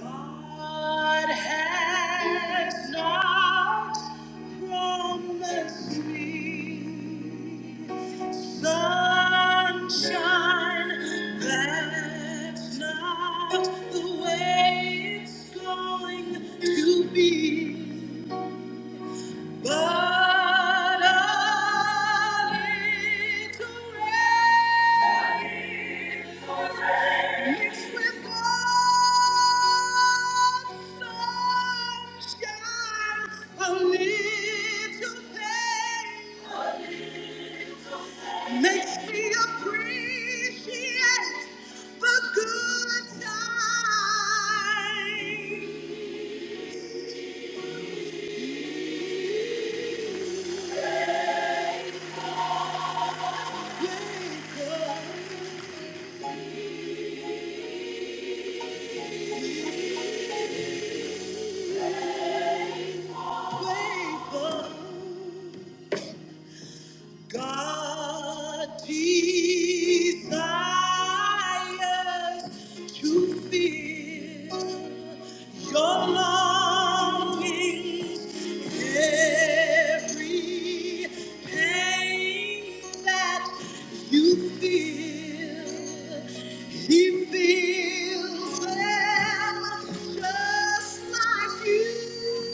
God has not promised me sunshine. That's not the way it's going to be. But a little rain. Mixed with God's sunshine, a little pain makes me appreciate the good times. Wake up, wake up. God desires to fill your longings, every pain that you feel. He feels them just like you.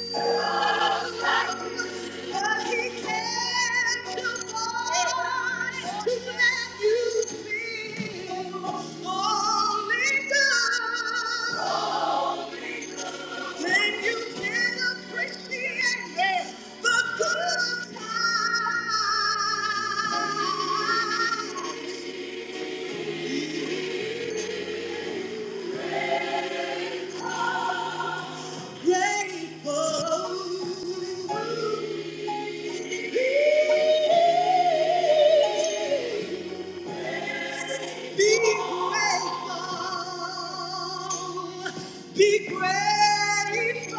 Grateful. Be grateful. Be grateful.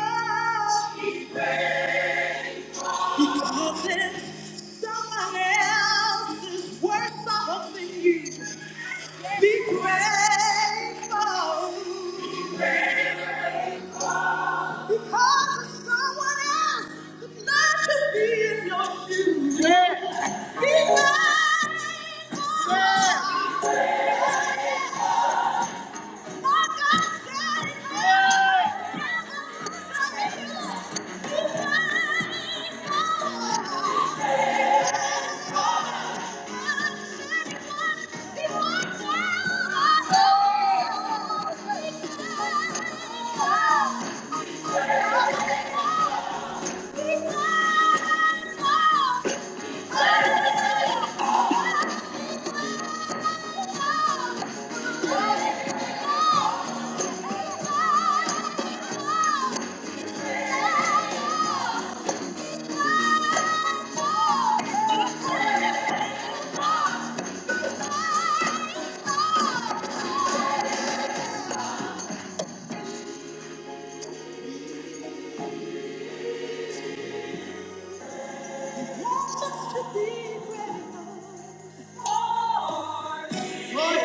Because it's someone else is worth something you. Be grateful. Because it's someone else that's not to be in your shoes. Yeah. Be grateful. Yeah.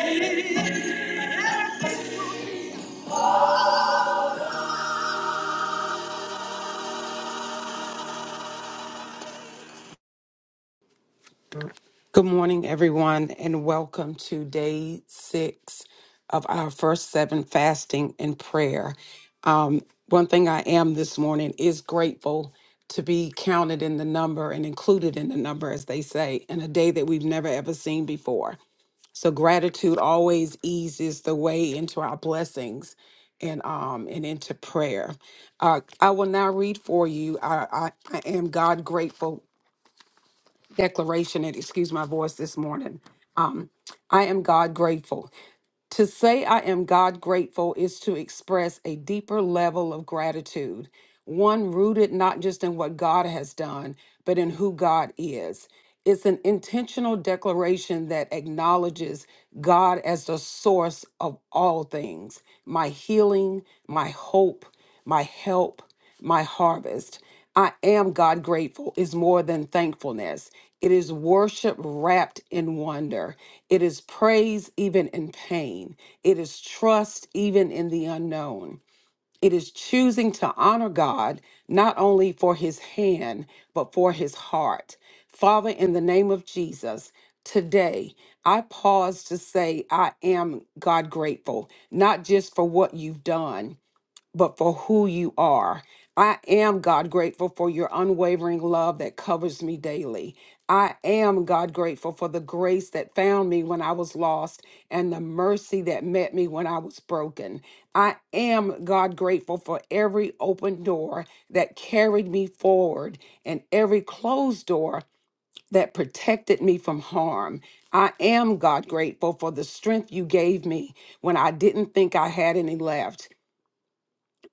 Thank you. Good morning, everyone, and welcome to day six of our first seven fasting and prayer. Um, one thing I am this morning is grateful to be counted in the number and included in the number, as they say, in a day that we've never ever seen before. So gratitude always eases the way into our blessings and um and into prayer. Uh, I will now read for you. I, I, I am God grateful declaration and excuse my voice this morning. Um, I am God grateful. To say I am God grateful is to express a deeper level of gratitude, one rooted not just in what God has done, but in who God is. It's an intentional declaration that acknowledges God as the source of all things my healing, my hope, my help, my harvest. I am God grateful is more than thankfulness. It is worship wrapped in wonder. It is praise even in pain. It is trust even in the unknown. It is choosing to honor God not only for his hand, but for his heart. Father, in the name of Jesus, today I pause to say I am God grateful, not just for what you've done but for who you are. I am, God, grateful for your unwavering love that covers me daily. I am, God, grateful for the grace that found me when I was lost and the mercy that met me when I was broken. I am, God, grateful for every open door that carried me forward and every closed door that protected me from harm. I am, God, grateful for the strength you gave me when I didn't think I had any left.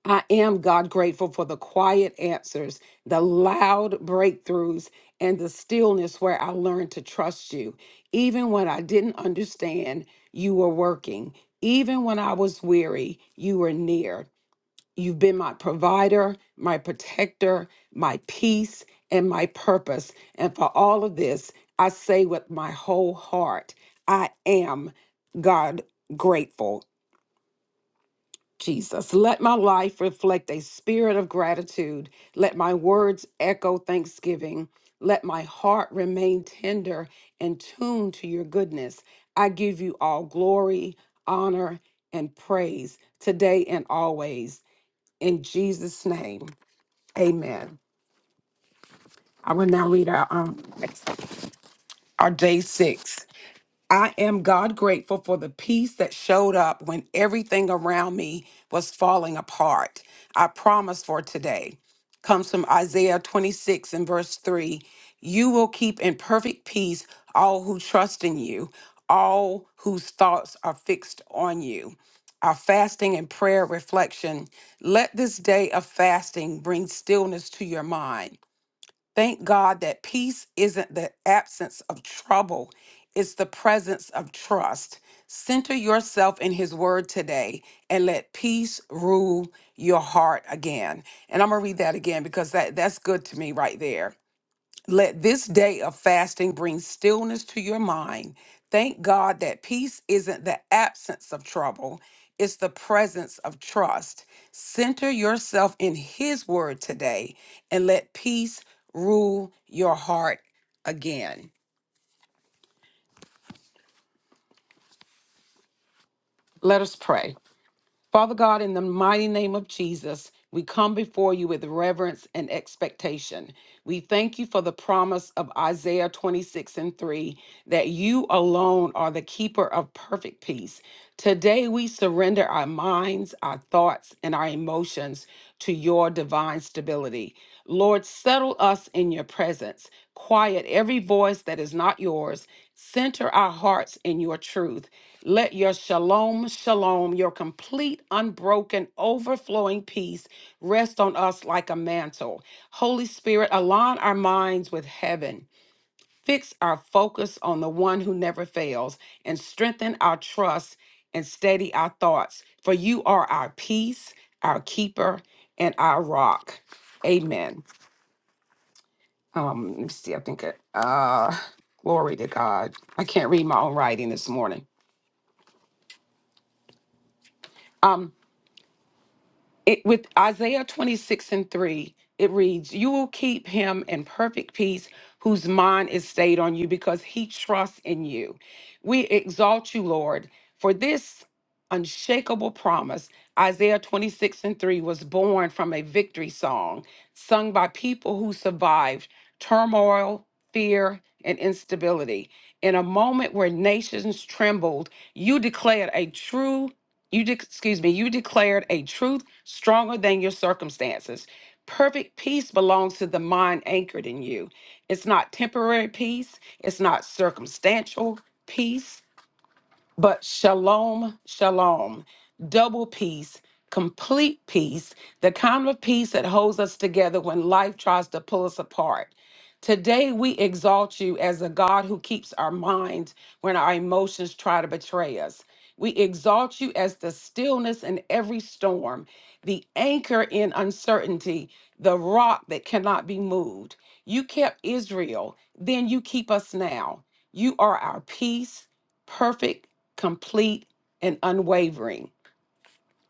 I am, God, grateful for the quiet answers, the loud breakthroughs, and the stillness where I learned to trust you. Even when I didn't understand, you were working. Even when I was weary, you were near. You've been my provider, my protector, my peace, and my purpose. And for all of this, I say with my whole heart, I am, God, grateful. Jesus. Let my life reflect a spirit of gratitude. Let my words echo thanksgiving. Let my heart remain tender and tuned to your goodness. I give you all glory, honor, and praise today and always. In Jesus' name, amen. I will now read our, um, our day six. I am God grateful for the peace that showed up when everything around me was falling apart. Our promise for today comes from Isaiah 26 and verse 3. You will keep in perfect peace all who trust in you, all whose thoughts are fixed on you. Our fasting and prayer reflection. Let this day of fasting bring stillness to your mind. Thank God that peace isn't the absence of trouble, it's the presence of trust. Center yourself in His Word today and let peace rule your heart again. And I'm going to read that again because that, that's good to me right there. Let this day of fasting bring stillness to your mind. Thank God that peace isn't the absence of trouble, it's the presence of trust. Center yourself in His word today and let peace rule your heart again. Let us pray. Father God, in the mighty name of Jesus, we come before you with reverence and expectation. We thank you for the promise of Isaiah 26 and 3 that you alone are the keeper of perfect peace. Today, we surrender our minds, our thoughts, and our emotions to your divine stability. Lord, settle us in your presence. Quiet every voice that is not yours. Center our hearts in your truth. Let your shalom, shalom, your complete, unbroken, overflowing peace rest on us like a mantle. Holy Spirit, align our minds with heaven Fix our focus on the one who never fails and strengthen our trust and steady our thoughts. For you are our peace, our keeper, and our rock. Amen. Um, let me see. I think it, uh, glory to God. I can't read my own writing this morning. Um. it with Isaiah 26 and 3, it reads, You will keep him in perfect peace whose mind is stayed on you because he trusts in you. We exalt you, Lord, for this unshakable promise. Isaiah 26 and 3 was born from a victory song sung by people who survived turmoil, fear, and instability. In a moment where nations trembled, you declared a true you de- excuse me, you declared a truth stronger than your circumstances. Perfect peace belongs to the mind anchored in you. It's not temporary peace, it's not circumstantial peace but shalom, shalom, double peace, complete peace, the kind of peace that holds us together when life tries to pull us apart. Today, we exalt you as a God who keeps our minds when our emotions try to betray us. We exalt you as the stillness in every storm, the anchor in uncertainty, the rock that cannot be moved. You kept Israel, then you keep us now. You are our peace, perfect complete and unwavering.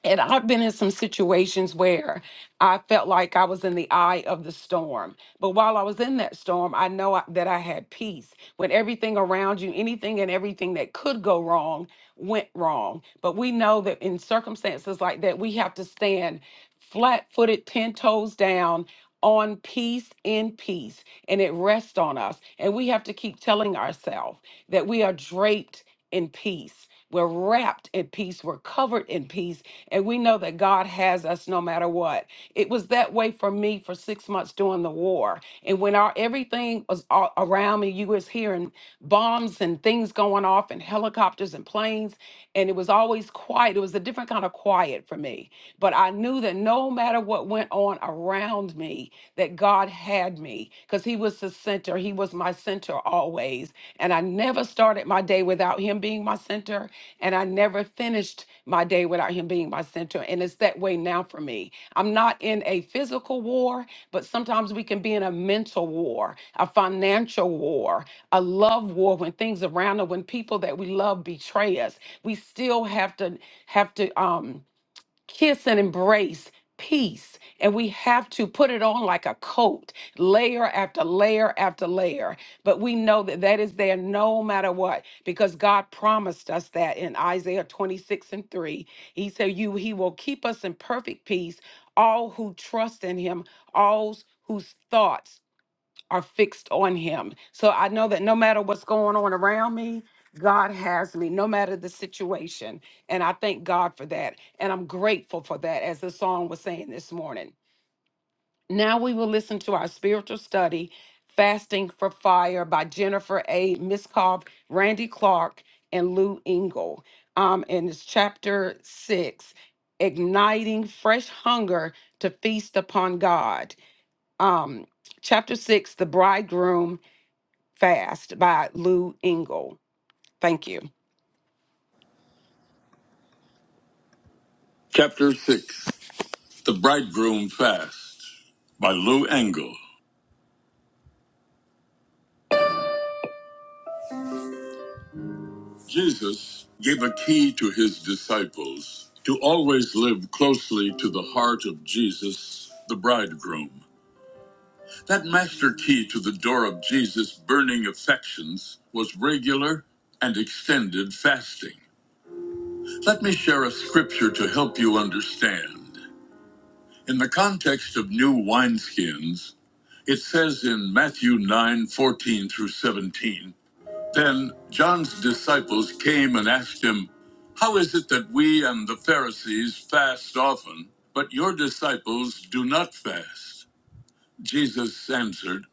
And I've been in some situations where I felt like I was in the eye of the storm. But while I was in that storm, I know I- that I had peace. When everything around you, anything and everything that could go wrong, went wrong. But we know that in circumstances like that, we have to stand flat footed, 10 toes down on peace in peace. And it rests on us. And we have to keep telling ourselves that we are draped in peace. We're wrapped in peace. We're covered in peace. And we know that God has us no matter what. It was that way for me for six months during the war. And when our everything was all around me, you was hearing bombs and things going off and helicopters and planes. And it was always quiet. It was a different kind of quiet for me. But I knew that no matter matter what went on around me, that God had me because He was the center. He was my center always. And I never started my day without Him being my center. And I never finished my day without Him being my center. And it's that way now for me. I'm not in a physical war, but sometimes we can be in a mental war, a financial war, a love war when things around us, when people that we love betray us. We still have to, have to, um, kiss and embrace peace and we have to put it on like a coat layer after layer after layer but we know that that is there no matter what because god promised us that in isaiah 26 and 3 he said you he will keep us in perfect peace all who trust in him all whose thoughts are fixed on him. So I know that no matter what's going on around me, God has me, no matter the situation. And I thank God for that. And I'm grateful for that, as the song was saying this morning. Now we will listen to our spiritual study, Fasting for Fire by Jennifer A. Miskov, Randy Clark, and Lou Engle. Um, and it's chapter six, Igniting Fresh Hunger to Feast Upon God. Um, chapter six, The Bridegroom Fast by Lou Engle. Thank you. Chapter 6 The Bridegroom Fast by Lou Engle. Jesus gave a key to his disciples to always live closely to the heart of Jesus, the bridegroom. That master key to the door of Jesus' burning affections was regular and extended fasting. Let me share a scripture to help you understand. In the context of new wineskins, It says in Matthew 9 14 through 17, Then John's disciples came and asked him, How is it that we and the Pharisees fast often, but your disciples do not fast? Jesus answered,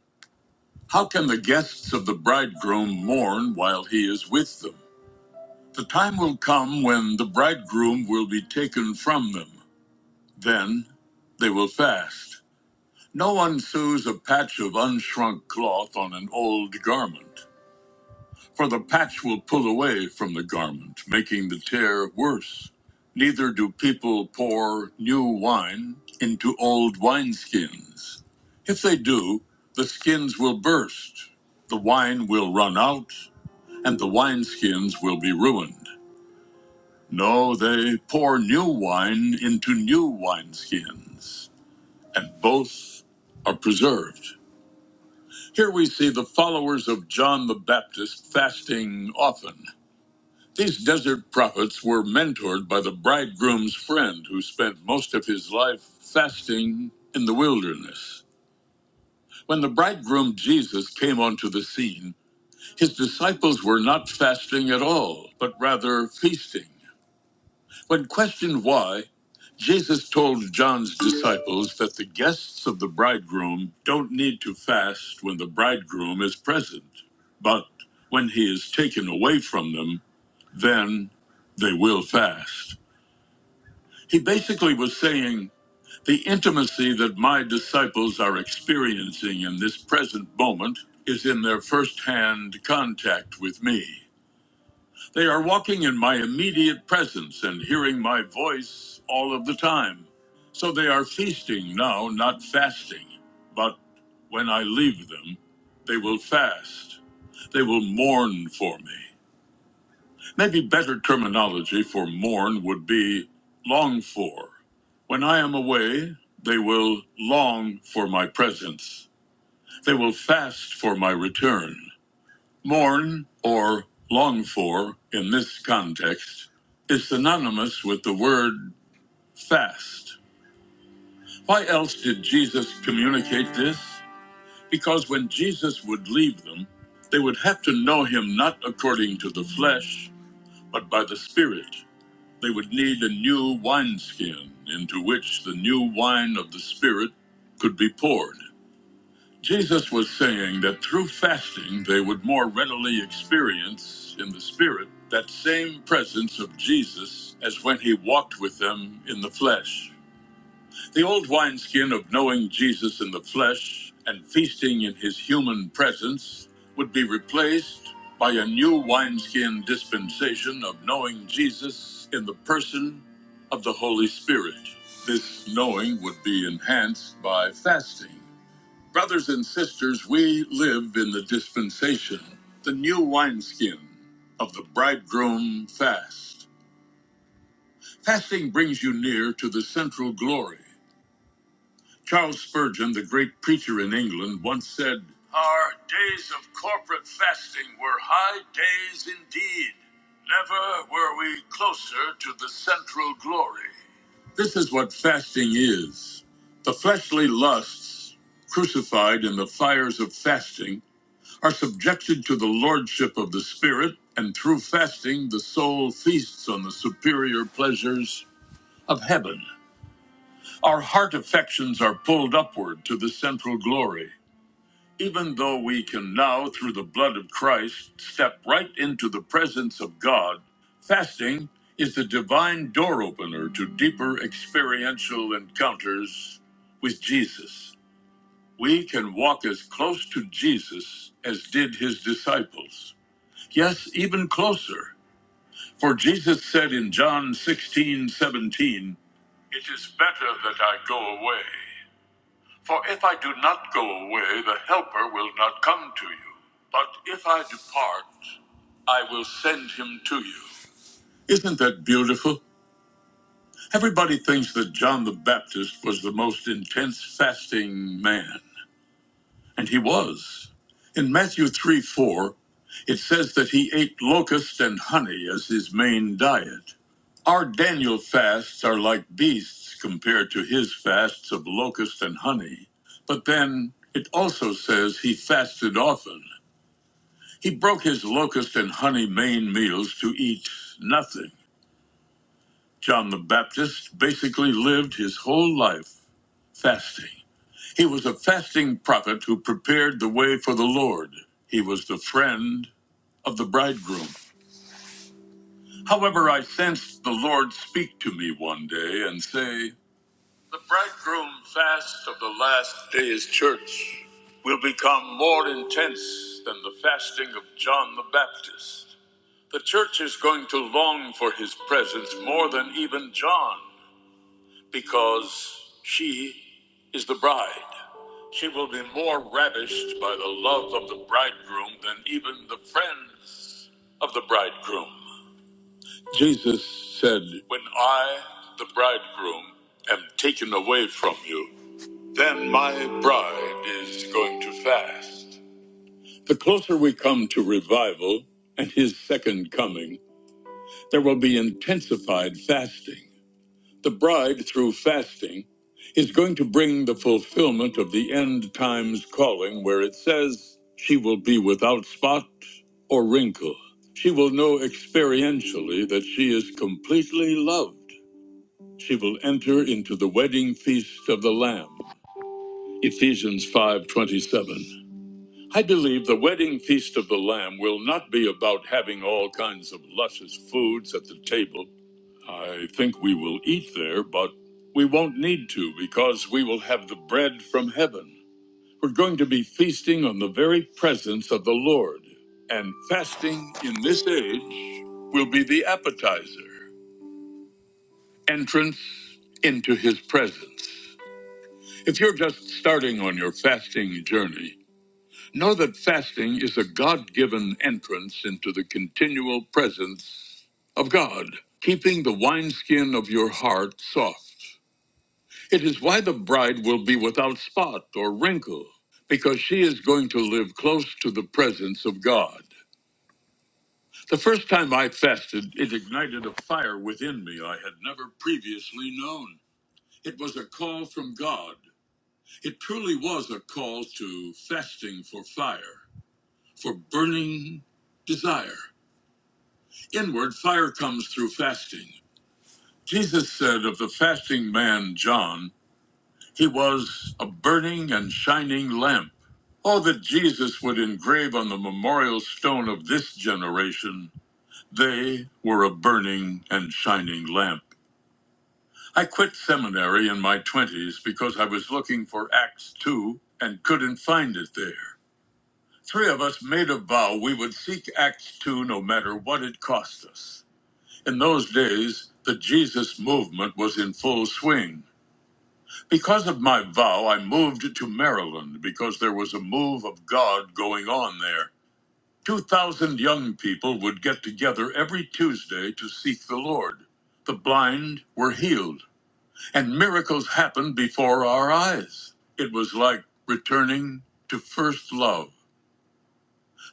How can the guests of the bridegroom mourn while he is with them? The time will come when the bridegroom will be taken from them. Then they will fast. No one sews a patch of unshrunk cloth on an old garment, for the patch will pull away from the garment, making the tear worse. Neither do people pour new wine into old wineskins. If they do, the skins will burst, the wine will run out, and the wineskins will be ruined. No, they pour new wine into new wineskins, and both are preserved. Here we see the followers of John the Baptist fasting often. These desert prophets were mentored by the bridegroom's friend who spent most of his life fasting in the wilderness. When the bridegroom Jesus came onto the scene, his disciples were not fasting at all, but rather feasting. When questioned why, Jesus told John's disciples that the guests of the bridegroom don't need to fast when the bridegroom is present, but when he is taken away from them, then they will fast. He basically was saying the intimacy that my disciples are experiencing in this present moment is in their first hand contact with me. They are walking in my immediate presence and hearing my voice all of the time. So they are feasting now, not fasting. But when I leave them, they will fast. They will mourn for me. Maybe better terminology for mourn would be long for. When I am away, they will long for my presence. They will fast for my return. Mourn or long for in this context is synonymous with the word fast. Why else did Jesus communicate this? Because when Jesus would leave them, they would have to know him not according to the flesh, but by the Spirit. They would need a new wineskin into which the new wine of the Spirit could be poured. Jesus was saying that through fasting, they would more readily experience in the Spirit that same presence of Jesus as when he walked with them in the flesh. The old wineskin of knowing Jesus in the flesh and feasting in his human presence would be replaced by a new wineskin dispensation of knowing Jesus in the person of the Holy Spirit. This knowing would be enhanced by fasting Brothers and sisters, we live in the dispensation, the new wineskin of the bridegroom fast. Fasting brings you near to the central glory. Charles Spurgeon, the great preacher in England, once said, Our days of corporate fasting were high days indeed. Never were we closer to the central glory. This is what fasting is the fleshly lusts crucified in the fires of fasting are subjected to the lordship of the Spirit, and through fasting, the soul feasts on the superior pleasures of heaven. Our heart affections are pulled upward to the central glory. Even though we can now, through the blood of Christ, step right into the presence of God, fasting is the divine door opener to deeper experiential encounters with Jesus. We can walk as close to Jesus as did his disciples. Yes, even closer. For Jesus said in John 16 17, It is better that I go away. For if I do not go away, the Helper will not come to you. But if I depart, I will send him to you. Isn't that beautiful? Everybody thinks that John the Baptist was the most intense fasting man. And he was. In Matthew 3 4, it says that he ate locusts and honey as his main diet. Our Daniel fasts are like beasts compared to his fasts of locusts and honey. But then it also says he fasted often. He broke his locust and honey main meals to eat nothing. John the Baptist basically lived his whole life fasting. He was a fasting prophet who prepared the way for the Lord. He was the friend of the bridegroom. However, I sensed the Lord speak to me one day and say, The bridegroom fast of the last days church will become more intense than the fasting of John the Baptist. The church is going to long for his presence more than even John because she is the bride. She will be more ravished by the love of the bridegroom than even the friends of the bridegroom. Jesus said, When I, the bridegroom, am taken away from you, then my bride is going to fast. The closer we come to revival and his second coming, there will be intensified fasting. The bride, through fasting, is going to bring the fulfillment of the end times calling, where it says, She will be without spot or wrinkle. She will know experientially that she is completely loved. She will enter into the wedding feast of the Lamb. Ephesians 5:27. I believe the wedding feast of the Lamb will not be about having all kinds of luscious foods at the table I think we will eat there, but we won't need to because we will have the bread from heaven. We're going to be feasting on the very presence of the Lord. And fasting in this age will be the appetizer, entrance into his presence. If you're just starting on your fasting journey, know that fasting is a God given entrance into the continual presence of God, keeping the wineskin of your heart soft. It is why the bride will be without spot or wrinkle, because she is going to live close to the presence of God. The first time I fasted, it ignited a fire within me I had never previously known. It was a call from God. It truly was a call to fasting for fire, for burning desire. Inward fire comes through fasting. Jesus said of the fasting man John, He was a burning and shining lamp. All that Jesus would engrave on the memorial stone of this generation, they were a burning and shining lamp. I quit seminary in my 20s because I was looking for Acts 2 and couldn't find it there. Three of us made a vow we would seek Acts 2 no matter what it cost us. In those days, the Jesus movement was in full swing. Because of my vow, I moved to Maryland because there was a move of God going on there. 2,000 young people would get together every Tuesday to seek the Lord. The blind were healed, and miracles happened before our eyes. It was like returning to first love.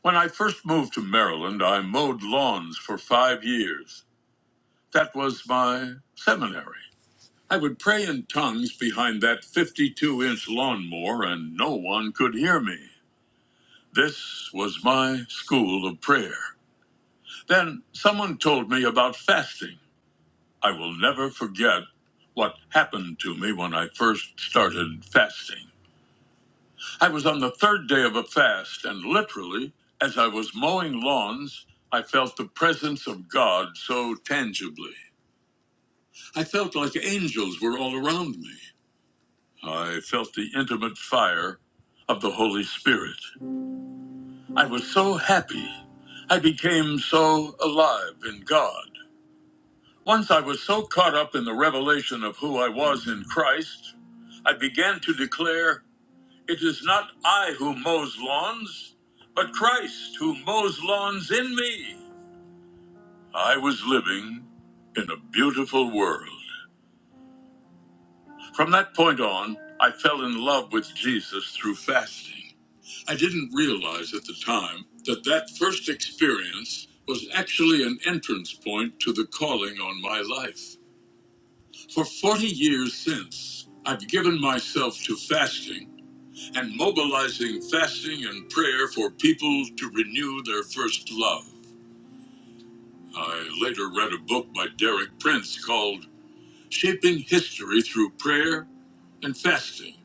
When I first moved to Maryland, I mowed lawns for five years. That was my seminary. I would pray in tongues behind that 52 inch lawnmower, and no one could hear me. This was my school of prayer. Then someone told me about fasting. I will never forget what happened to me when I first started fasting. I was on the third day of a fast, and literally, as I was mowing lawns, I felt the presence of God so tangibly. I felt like angels were all around me. I felt the intimate fire of the Holy Spirit. I was so happy. I became so alive in God. Once I was so caught up in the revelation of who I was in Christ, I began to declare, It is not I who mows lawns, but Christ who mows lawns in me. I was living in a beautiful world. From that point on, I fell in love with Jesus through fasting. I didn't realize at the time that that first experience was actually an entrance point to the calling on my life. For 40 years since, I've given myself to fasting and mobilizing fasting and prayer for people to renew their first love. I later read a book by Derek Prince called Shaping History Through Prayer and Fasting,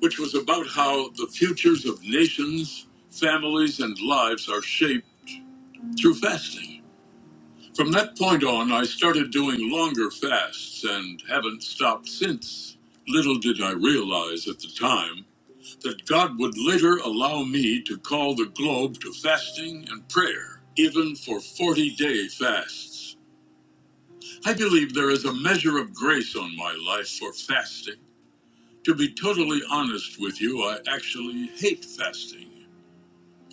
which was about how the futures of nations, families, and lives are shaped through fasting. From that point on, I started doing longer fasts and haven't stopped since. Little did I realize at the time that God would later allow me to call the globe to fasting and prayer, even for 40 day fasts. I believe there is a measure of grace on my life for fasting. To be totally honest with you, I actually hate fasting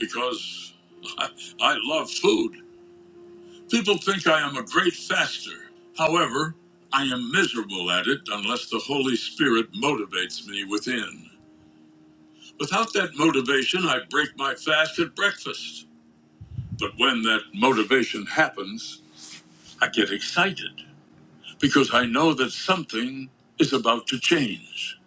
because I, I love food. People think I am a great faster. However, I am miserable at it unless the Holy Spirit motivates me within. Without that motivation, I break my fast at breakfast. But when that motivation happens, I get excited because I know that something is about to change.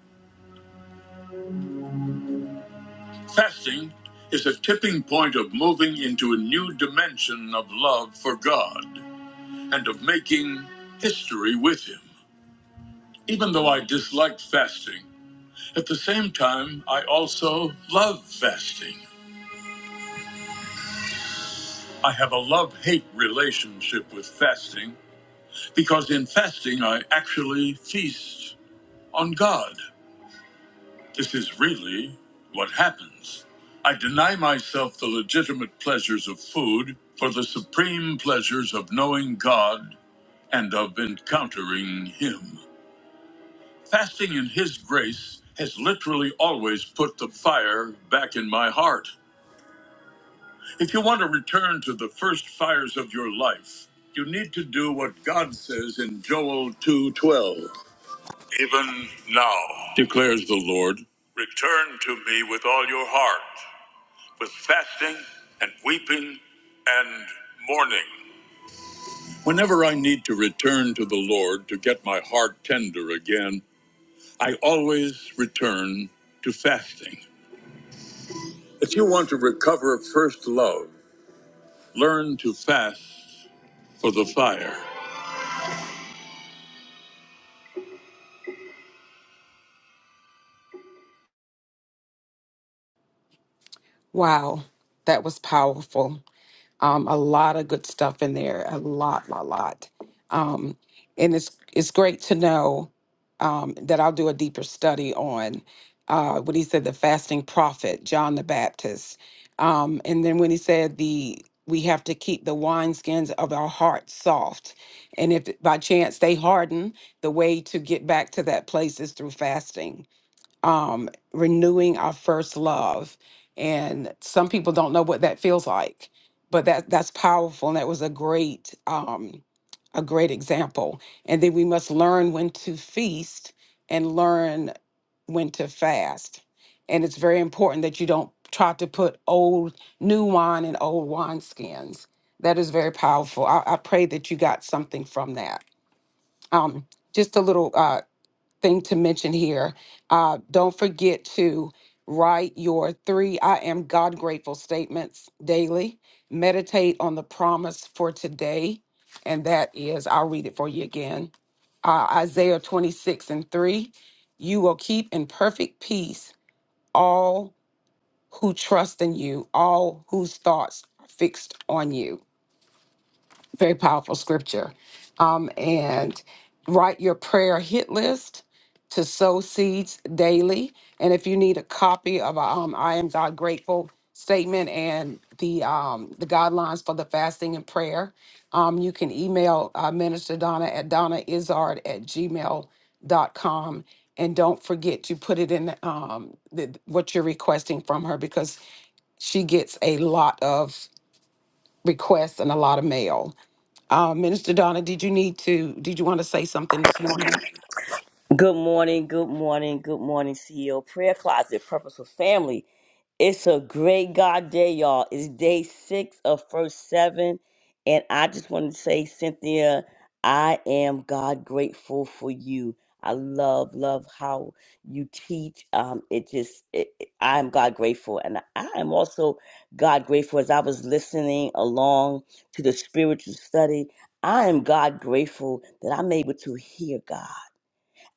Fasting is a tipping point of moving into a new dimension of love for God and of making history with Him. Even though I disliked fasting, At the same time, I also love fasting. I have a love hate relationship with fasting because in fasting I actually feast on God. This is really what happens. I deny myself the legitimate pleasures of food for the supreme pleasures of knowing God and of encountering Him. Fasting in His grace has literally always put the fire back in my heart. If you want to return to the first fires of your life, you need to do what God says in Joel 2:12. Even now, declares the Lord, return to me with all your heart, with fasting and weeping and mourning. Whenever I need to return to the Lord to get my heart tender again, I always return to fasting. If you want to recover first love, learn to fast for the fire. Wow, that was powerful. Um, a lot of good stuff in there. A lot, a lot. Um, and it's it's great to know um, that I'll do a deeper study on uh, what he said the fasting prophet John the Baptist, um, and then when he said the we have to keep the wineskins of our heart soft, and if by chance they harden, the way to get back to that place is through fasting um, renewing our first love. And some people don't know what that feels like, but that that's powerful, and that was a great um, a great example. And then we must learn when to feast and learn when to fast. And it's very important that you don't try to put old new wine in old wineskins. That is very powerful. I, I pray that you got something from that. Um, just a little. uh, thing to mention here. Uh, don't forget to write your three I am God grateful statements daily. Meditate on the promise for today. And that is, I'll read it for you again uh, Isaiah 26 and 3. You will keep in perfect peace all who trust in you, all whose thoughts are fixed on you very powerful scripture. Um, and write your prayer hit list to sow seeds daily. And if you need a copy of our um, I Am God Grateful statement and the um, the guidelines for the fasting and prayer, um, you can email uh, Minister Donna at donnaizard at gmail.com. And don't forget to put it in um, the, what you're requesting from her because she gets a lot of requests and a lot of mail. Uh, Minister Donna, did you need to, did you want to say something this morning? Good morning, good morning, good morning, CEO Prayer Closet, Purposeful Family. It's a great God day, y'all. It's day six of first seven. And I just want to say, Cynthia, I am God grateful for you. I love, love how you teach. Um, it just, it, it- I'm God grateful. And I am also God grateful as I was listening along to the spiritual study. I am God grateful that I'm able to hear God.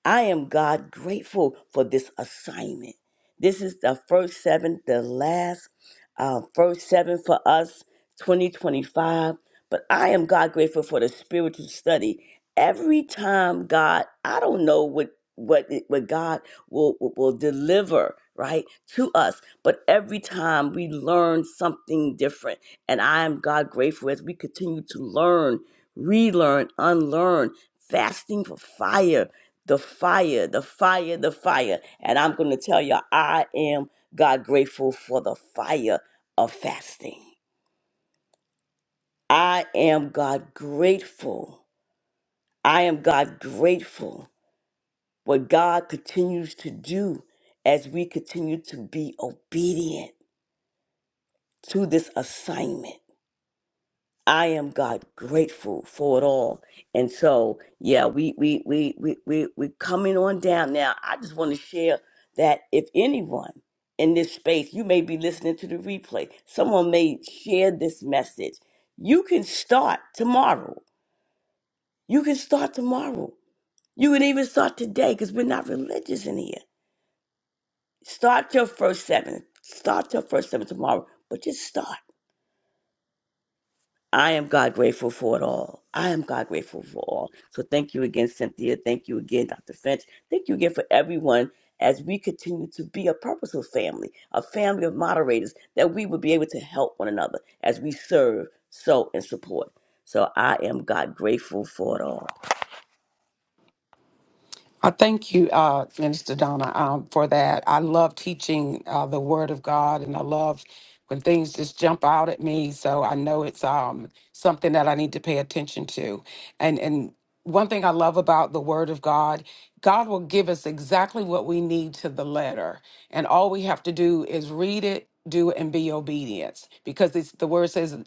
I am God grateful for this assignment. This is the first seven, the last uh, first seven for us, 2025. But I am God grateful for the spiritual study. Every time God, I don't know what what it- what God will will will deliver right to us, but every time we learn something different, and I am God grateful as we continue to learn, relearn, unlearn, fasting for fire the fire, the fire, the fire. And I'm going to tell you, I am God grateful for the fire of fasting. I am God grateful. I am God grateful what God continues to do as we continue to be obedient to this assignment. I am God grateful for it all. And so, yeah, we we we we we we coming on down now. I just want to share that if anyone in this space, you may be listening to the replay. Someone may share this message. You can start tomorrow. You can start tomorrow. You can even start today because we're not religious in here. Start your first seven. Start your first seven tomorrow, but just start. I am God grateful for it all. I am God grateful for all. So thank you again, Cynthia. Thank you again, Dr. Finch. Thank you again for everyone as we continue to be a purposeful family, a family of moderators, that we would be able to help one another as we serve, sow, and support. So I am God grateful for it all. I thank you, uh, Minister Donna, um, for that. I love teaching uh, the Word of God, and I love when things just jump out at me. So I know it's um, something that I need to pay attention to. And and one thing I love about the Word of God, God will give us exactly what we need to the letter, and all we have to do is read it, do it, and be obedient. Because it's, the Word says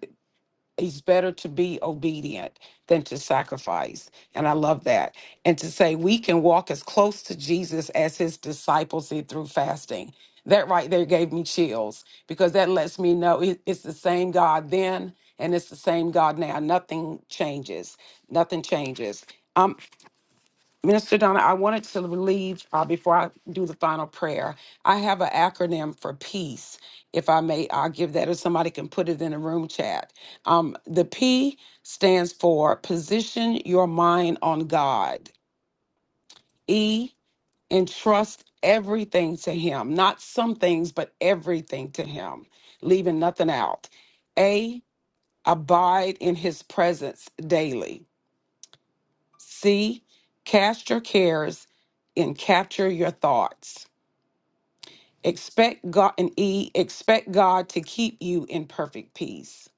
It's better to be obedient than to sacrifice. And I love that. And to say we can walk as close to Jesus as his disciples did through fasting. That right there gave me chills because that lets me know it- it's the same God then and it's the same God now. Nothing changes. Nothing changes. I'm Minister Donna, I wanted to leave uh, before I do the final prayer. I have an acronym for peace. If I may, I'll give that, or somebody can put it in the room chat. Um, the P stands for position your mind on God. E, entrust everything to Him, not some things, but everything to Him, leaving nothing out. A, abide in His presence daily. C, cast your cares and capture your thoughts. Expect God and E, expect God to keep you in perfect peace.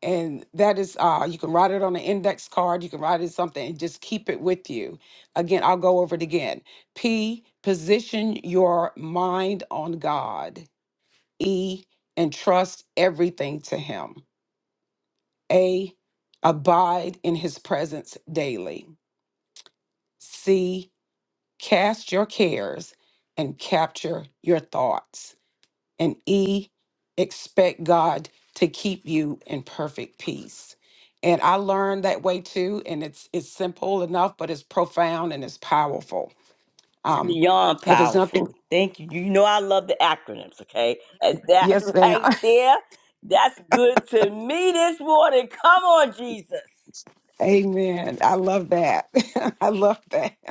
And that is uh you can write it on an index card, you can write it in something and just keep it with you. Again, I'll go over it again. P, position your mind on God. E, entrust everything to him. A, abide in his presence daily. C. Cast your cares and capture your thoughts. And E, expect God to keep you in perfect peace. And I learned that way too. And it's it's simple enough, but it's profound and it's powerful. It's Um, beyond if it's nothing, powerful. Thank you. You know I love the acronyms, okay? And that yes, ma'am. right there, that's good to me this morning. Come on, Jesus. Amen. I love that. I love that.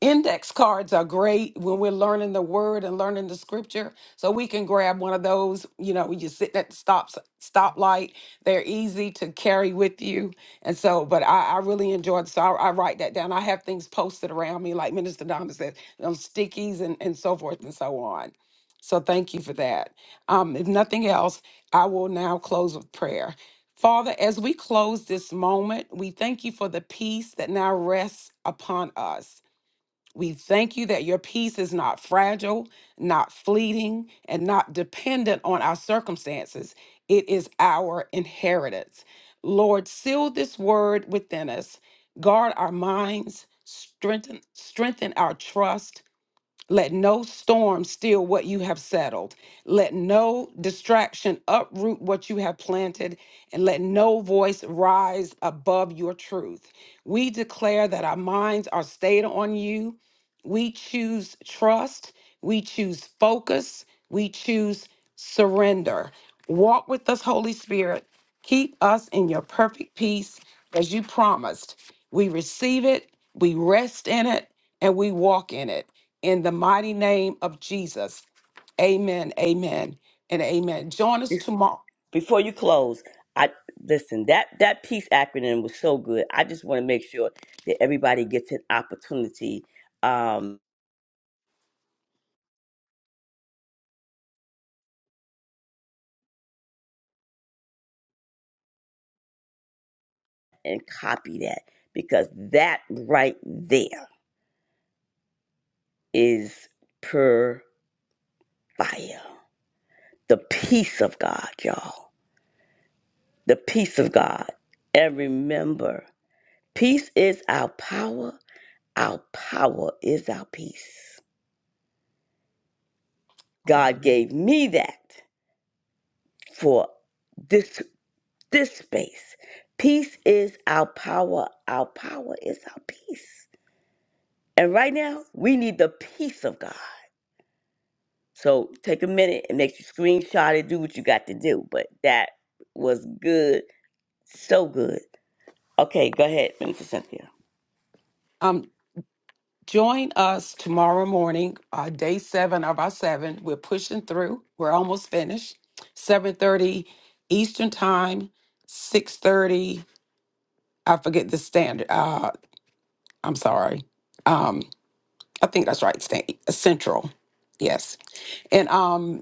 Index cards are great when we're learning the word and learning the scripture. So we can grab one of those, you know, when you're sitting at the stop stoplight. They're easy to carry with you. And so, but I, I really enjoyed so I, I write that down. I have things posted around me, like Minister Donna said, on stickies and, and so forth and so on. So thank you for that. Um, if nothing else, I will now close with prayer. Father, as we close this moment, we thank you for the peace that now rests upon us. We thank you that your peace is not fragile, not fleeting, and not dependent on our circumstances. It is our inheritance. Lord, seal this word within us. Guard our minds, strengthen, strengthen our trust, let no storm steal what you have settled. Let no distraction uproot what you have planted, and let no voice rise above your truth. We declare that our minds are stayed on you. We choose trust. We choose focus. We choose surrender. Walk with us, Holy Spirit. Keep us in your perfect peace as you promised. We receive it, we rest in it, and we walk in it in the mighty name of Jesus. Amen, amen, and amen. Join us tomorrow. before you close, I listen, that that peace acronym was so good. I just want to make sure that everybody gets an opportunity um and copy that because that right there is pure fire. The peace of God, y'all. The peace of God. And remember, peace is our power. Our power is our peace. God Glory. gave me that for this this space. Peace is our power. Our power is our peace. And right now, we need the peace of God. So take a minute and make sure you screenshot it, do what you got to do. But that was good. So good. Okay, go ahead, Minister Cynthia. Um, join us tomorrow morning, uh, day seven of our seven. We're pushing through. We're almost finished. Seven thirty Eastern time. Six thirty. I forget the standard. Uh, I'm sorry. Um, I think that's right. Stand, Central. Yes. And um,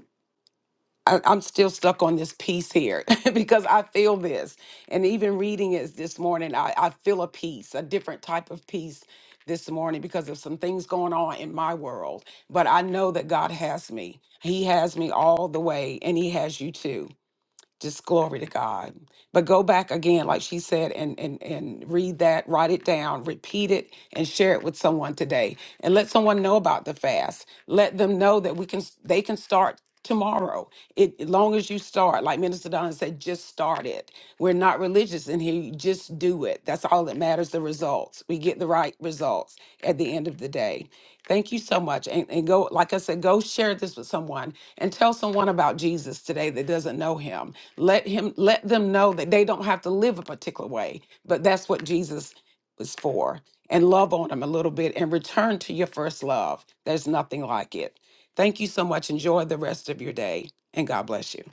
I, I'm still stuck on this peace here because I feel this. And even reading it this morning, I, I feel a peace, a different type of peace this morning because of some things going on in my world. But I know that God has me. He has me all the way, and He has you too. Just glory to God. But go back again, like she said, and and and read that, write it down, repeat it, and share it with someone today. And let someone know about the fast. Let them know that we can they can start tomorrow. It as long as you start, like Minister Don said, just start it. We're not religious in here. You just do it. That's all that matters, the results. We get the right results at the end of the day. Thank you so much. And, and go, like I said, go share this with someone and tell someone about Jesus today that doesn't know him. Let him let them know that they don't have to live a particular way, but that's what Jesus was for. And love on them a little bit and return to your first love. There's nothing like it. Thank you so much. Enjoy the rest of your day and God bless you.